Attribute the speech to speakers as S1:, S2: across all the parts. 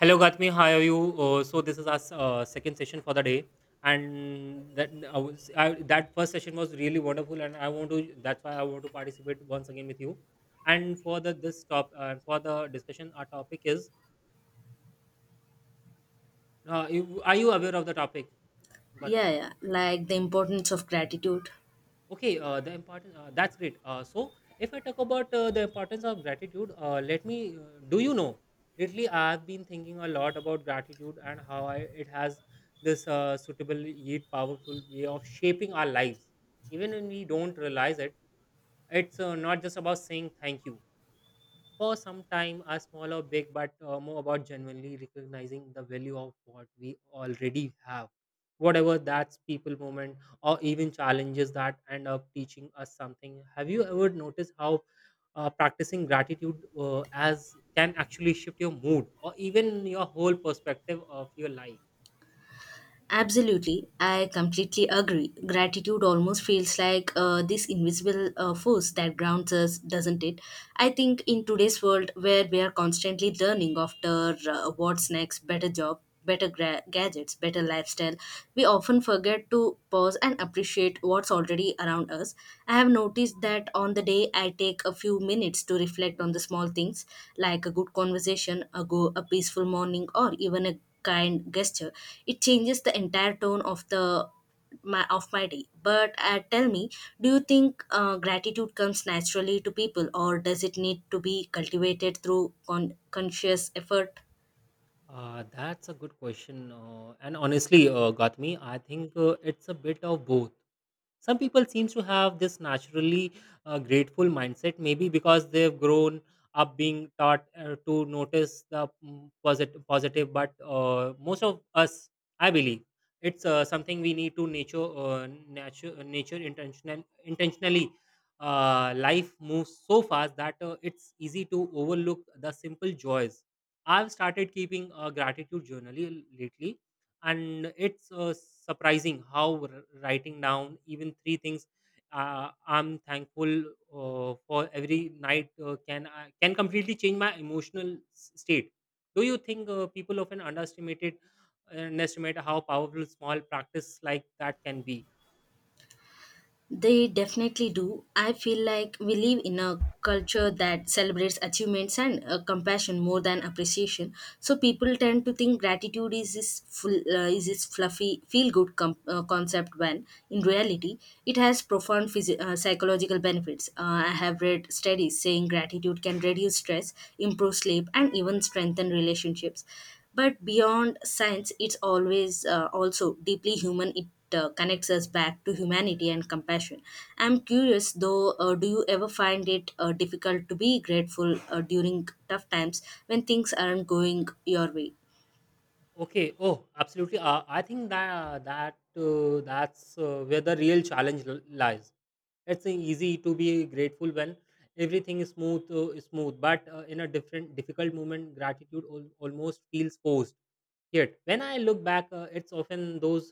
S1: Hello, Gatmi. How are you? So this is our second session for the day, and that first session was really wonderful, and I want to. That's why I want to participate once again with you. And for the discussion, our topic is: Are you aware of the topic,
S2: Yeah,
S1: Gatmi?
S2: yeah, like the importance of gratitude.
S1: Okay, the importance that's great. So, if I talk about the importance of gratitude, let me do you know? Lately, I've been thinking a lot about gratitude and how it has this suitable yet powerful way of shaping our lives, even when we don't realize it. It's not just about saying thank you for some time are small or big, but more about genuinely recognizing the value of what we already have. Whatever that's people moment or even challenges that end up teaching us something. Have you ever noticed how practicing gratitude as can actually shift your mood or even your whole perspective of your life?
S2: Absolutely, I completely agree. Gratitude almost feels like this invisible force that grounds us, doesn't it? I think in today's world where we are constantly learning after what's next, better job, better gadgets, better lifestyle, we often forget to pause and appreciate what's already around us. I have noticed that on the day I take a few minutes to reflect on the small things like a good conversation, a peaceful morning, or even a kind gesture, it changes the entire tone of the my of my day. But tell me, do you think gratitude comes naturally to people, or does it need to be cultivated through conscious effort?
S1: That's a good question. And honestly, Gautami, I think it's a bit of both. Some people seems to have this naturally grateful mindset, maybe because they've grown up being taught to notice the positive. But most of us, I believe, it's something we need to nature intentionally. Life moves so fast that it's easy to overlook the simple joys. I've started keeping a gratitude journal lately, and it's surprising how writing down even three things I'm thankful for every night can I can completely change my emotional state. Do you think people often underestimate how powerful small practice like that can be?
S2: They definitely do. I feel like we live in a culture that celebrates achievements and compassion more than appreciation. So people tend to think gratitude is is this fluffy feel good concept when in reality it has profound psychological benefits. I have read studies saying gratitude can reduce stress, improve sleep, and even strengthen relationships, but beyond science it's always, also deeply human. It connects us back to humanity and compassion. I'm curious though, do you ever find it difficult to be grateful during tough times when things aren't going your way?
S1: Okay. Oh, absolutely. I think that's where the real challenge lies. It's easy to be grateful when everything is smooth. But in a difficult moment, gratitude almost feels forced. Yet, when I look back, it's often those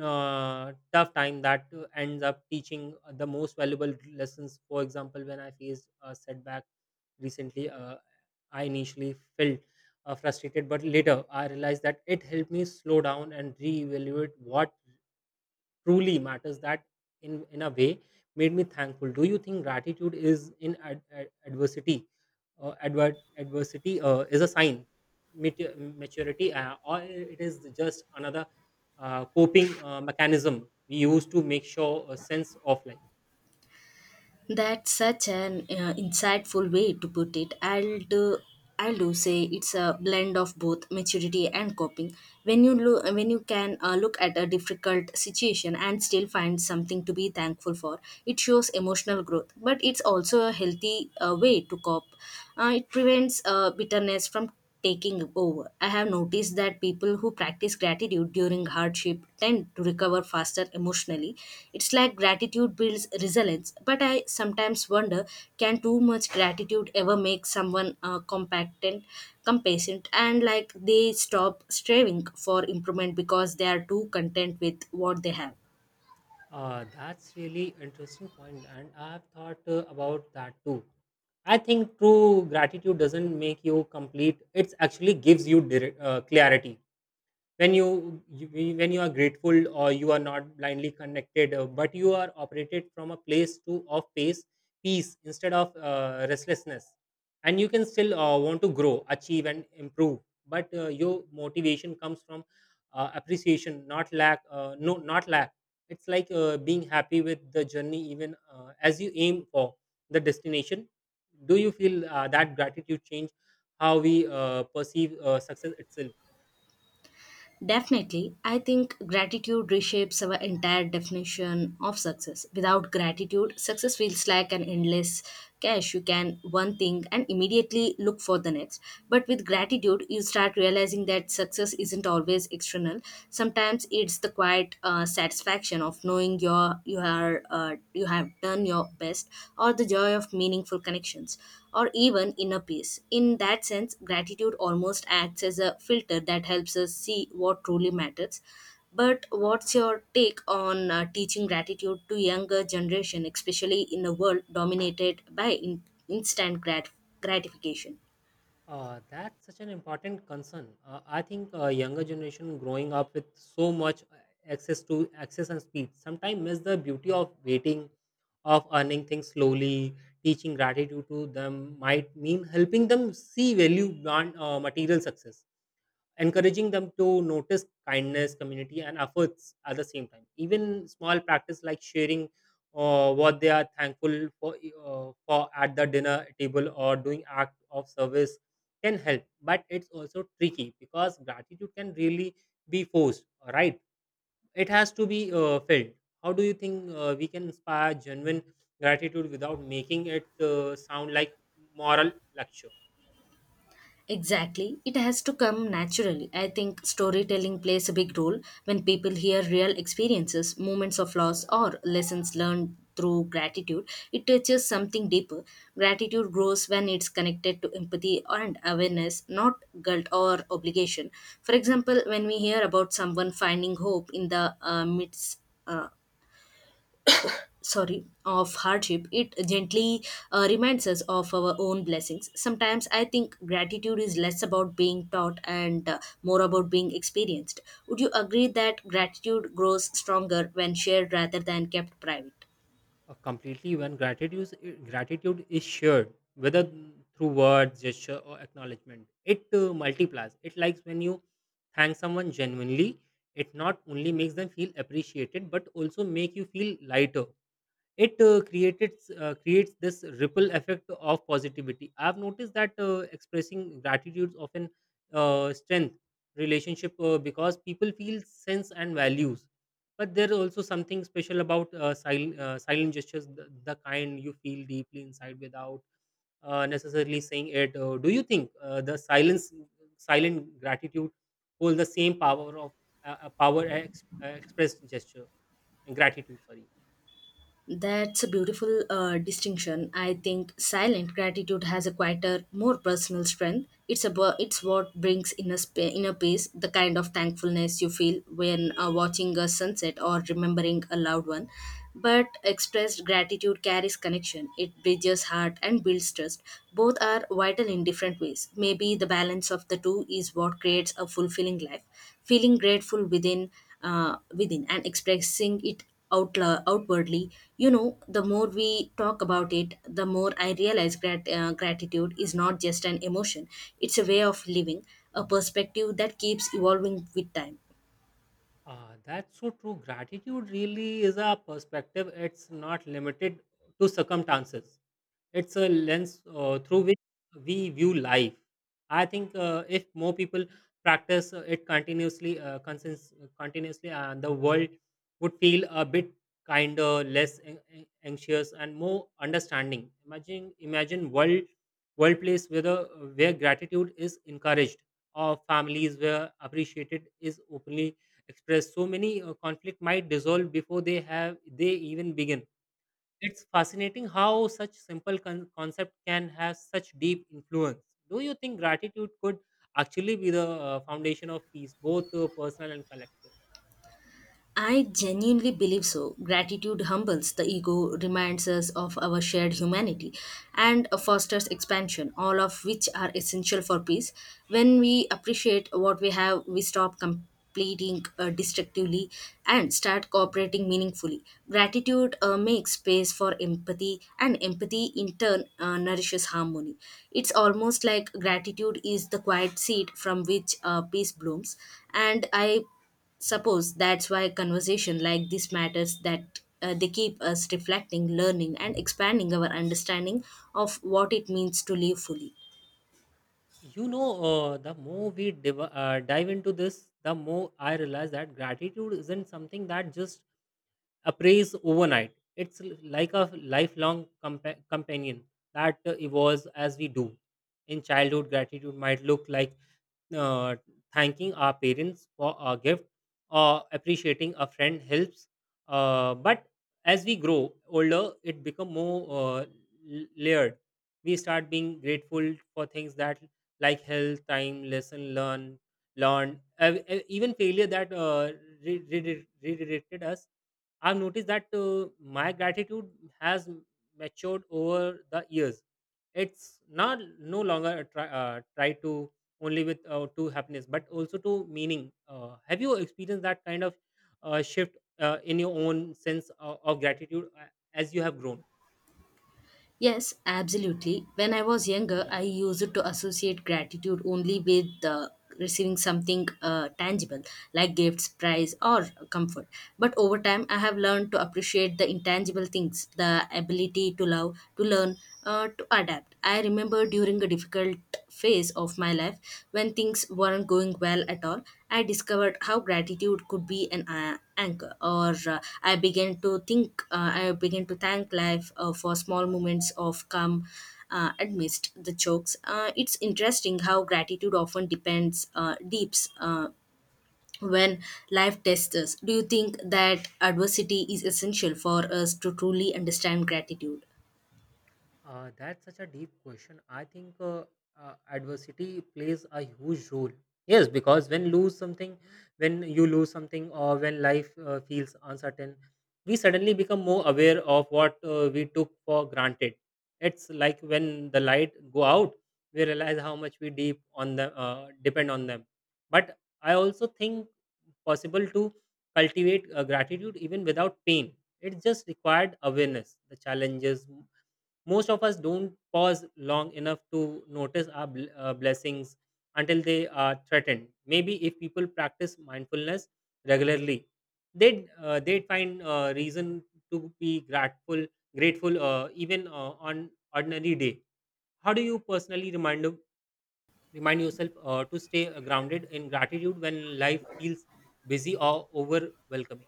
S1: tough time that ends up teaching the most valuable lessons. For example, when I faced a setback recently, I initially felt frustrated, but later I realized that it helped me slow down and reevaluate what truly matters that in a way made me thankful. Do you think gratitude is in ad, ad- adversity adver- adversity is a sign maturity, or it is just another coping mechanism we use to make sure a sense of life?
S2: That's such an insightful way to put it. I'll do say it's a blend of both maturity and coping. When you can look at a difficult situation and still find something to be thankful for, it shows emotional growth. But it's also a healthy way to cope. It prevents bitterness from taking over. I have noticed that people who practice gratitude during hardship tend to recover faster emotionally. It's like gratitude builds resilience, but I sometimes wonder, can too much gratitude ever make someone compactent, compassionate, and like they stop striving for improvement because they are too content with what they have?
S1: That's really interesting point, and I've thought about that too. I think true gratitude doesn't make you complete. It actually gives you clarity. When you, you when you are grateful or you are not blindly connected, but you are operated from a place to of pace peace instead of restlessness. And you can still want to grow, achieve, and improve, but your motivation comes from appreciation, not lack, no, not lack. It's like being happy with the journey, even as you aim for the destination. Do you feel that gratitude change how we perceive success itself?
S2: Definitely. I think gratitude reshapes our entire definition of success. Without gratitude, success feels like an endless cache. You can one thing and immediately look for the next. But with gratitude, you start realizing that success isn't always external. Sometimes it's the quiet satisfaction of knowing you are, you have done your best, or the joy of meaningful connections, or even inner peace. In that sense, gratitude almost acts as a filter that helps us see what truly matters. But what's your take on teaching gratitude to younger generation, especially in a world dominated by instant gratification?
S1: That's such an important concern. I think younger generation growing up with so much access and speed sometimes miss the beauty of waiting, of earning things slowly. Teaching gratitude to them might mean helping them see value beyond material success, encouraging them to notice kindness, community, and efforts at the same time. Even small practice like sharing what they are thankful for, at the dinner table or doing act of service can help. But it's also tricky because gratitude can really be forced, right? It has to be felt. How do you think we can inspire genuine gratitude without making it sound like moral lecture?
S2: Exactly. It has to come naturally. I think storytelling plays a big role when people hear real experiences, moments of loss, or lessons learned through gratitude. It touches something deeper. Gratitude grows when it's connected to empathy and awareness, not guilt or obligation. For example, when we hear about someone finding hope in the midst, uh, sorry of hardship, it gently reminds us of our own blessings. Sometimes I think gratitude is less about being taught and more about being experienced. Would you agree that gratitude grows stronger when shared rather than kept private?
S1: Completely, when gratitude is shared, whether through words, gesture, or acknowledgement, it multiplies. It likes when you thank someone genuinely, it not only makes them feel appreciated but also make you feel lighter. It created creates this ripple effect of positivity. I've noticed that expressing gratitude often strength relationship because people feel sense and values. But there's also something special about silent gestures, the kind you feel deeply inside without necessarily saying it. Do you think the silence silent gratitude hold the same power of expressed gesture gratitude, sorry?
S2: That's a beautiful distinction. I think silent gratitude has a quieter, more personal strength. It's about, it's what brings inner inner peace, the kind of thankfulness you feel when watching a sunset or remembering a loved one. But expressed gratitude carries connection. It bridges heart and builds trust. Both are vital in different ways. Maybe the balance of the two is what creates a fulfilling life. Feeling grateful within, and expressing it outwardly, you know, the more we talk about it, the more I realize gratitude is not just an emotion, it's a way of living, a perspective that keeps evolving with time.
S1: Ah, that's so true. Gratitude really is a perspective. It's not limited to circumstances. It's a lens through which we view life. I think if more people practice it continuously, the world would feel a bit kinder, less anxious, and more understanding. Imagine world place where gratitude is encouraged, or families where appreciated is openly express, so many conflict might dissolve before they even begin. It's fascinating how such simple concept can have such deep influence. Do you think gratitude could actually be the foundation of peace, both personal and collective?
S2: I genuinely believe so. Gratitude humbles the ego, reminds us of our shared humanity, and fosters expansion, all of which are essential for peace. When we appreciate what we have, we stop completing destructively and start cooperating meaningfully. Gratitude makes space for empathy, and empathy in turn nourishes harmony. It's almost like gratitude is the quiet seed from which peace blooms, and I suppose that's why conversation like this matters, that they keep us reflecting, learning, and expanding our understanding of what it means to live fully.
S1: The more we dive into this, the more I realize that gratitude isn't something that just appraise overnight. It's like a lifelong companion that evolves as we do. In childhood, gratitude might look like uh, thanking our parents for a gift or appreciating a friend helps, but as we grow older it become more uh, layered. We start being grateful for things that like health, time, lesson learn, even failure that redirected us. I've noticed that my gratitude has matured over the years. It's not no longer a try to only with, to happiness but also to meaning. Have you experienced that kind of shift in your own sense of gratitude as you have grown?
S2: Yes, absolutely. When I was younger, I used to associate gratitude only with receiving something tangible like gifts, prize, or comfort. But over time, I have learned to appreciate the intangible things, the ability to love, to learn, to adapt. I remember during a difficult phase of my life when things weren't going well at all. I discovered how gratitude could be an anchor, or I began to think, I began to thank life for small moments of calm. Amidst the chokes, it's interesting how gratitude often depends, deeps when life tests us. Do you think that adversity is essential for us to truly understand gratitude?
S1: That's such a deep question. I think adversity plays a huge role. Yes, because when you lose something, or when life feels uncertain, we suddenly become more aware of what we took for granted. It's like when the light go out, we realize how much we deep on the depend on them. But I also think possible to cultivate gratitude even without pain. It just required awareness, the challenges most of us don't pause long enough to notice our blessings until they are threatened. Maybe if people practice mindfulness regularly, they'd find reason to be grateful, even on ordinary day. How do you personally remind yourself to stay grounded in gratitude when life feels busy or overwhelming?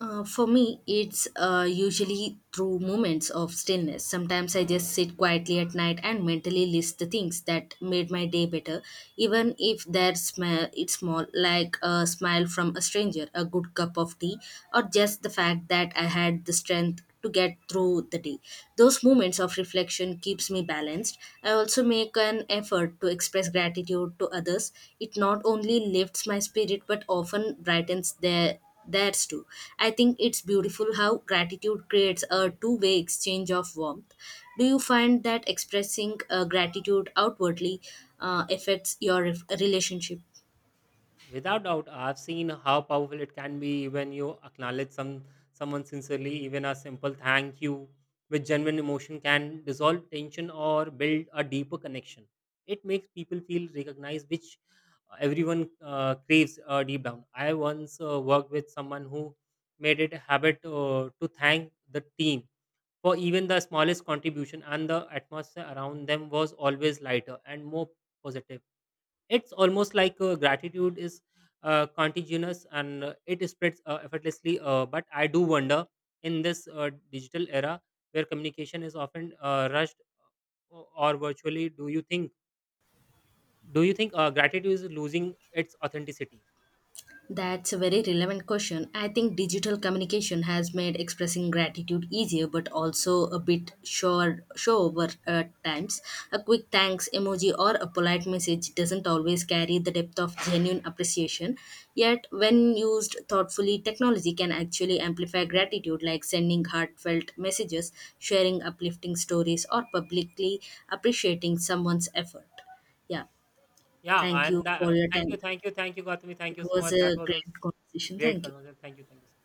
S2: For me, it's usually through moments of stillness. Sometimes I just sit quietly at night and mentally list the things that made my day better, even if they're small, like a smile from a stranger, a good cup of tea, or just the fact that I had the strength to get through the day. Those moments of reflection keeps me balanced. I also make an effort to express gratitude to others. It not only lifts my spirit but often brightens their. That's true. I think it's beautiful how gratitude creates a two-way exchange of warmth. Do you find that expressing gratitude outwardly affects your relationship?
S1: Without doubt, I've seen how powerful it can be when you acknowledge someone sincerely. Even a simple thank you with genuine emotion can dissolve tension or build a deeper connection. It makes people feel recognized, which everyone craves deep down. I once worked with someone who made it a habit to thank the team for even the smallest contribution, and the atmosphere around them was always lighter and more positive. It's almost like gratitude is contagious, and it spreads effortlessly. But I do wonder, in this digital era where communication is often rushed or virtually, do you think gratitude is losing its authenticity?
S2: That's a very relevant question. I think digital communication has made expressing gratitude easier but also a bit sure show over at times. A quick thanks emoji or a polite message doesn't always carry the depth of genuine appreciation. Yet when used thoughtfully, technology can actually amplify gratitude like sending heartfelt messages, sharing uplifting stories or publicly appreciating someone's effort. Yeah.
S1: Yeah,
S2: Thank you
S1: and
S2: for your
S1: thank you,
S2: time.
S1: thank you, thank you, Gautami. Thank
S2: It
S1: you so
S2: was
S1: much. That
S2: a
S1: was also
S2: great conversation.
S1: great
S2: Thank you.
S1: conversation. Thank you so much.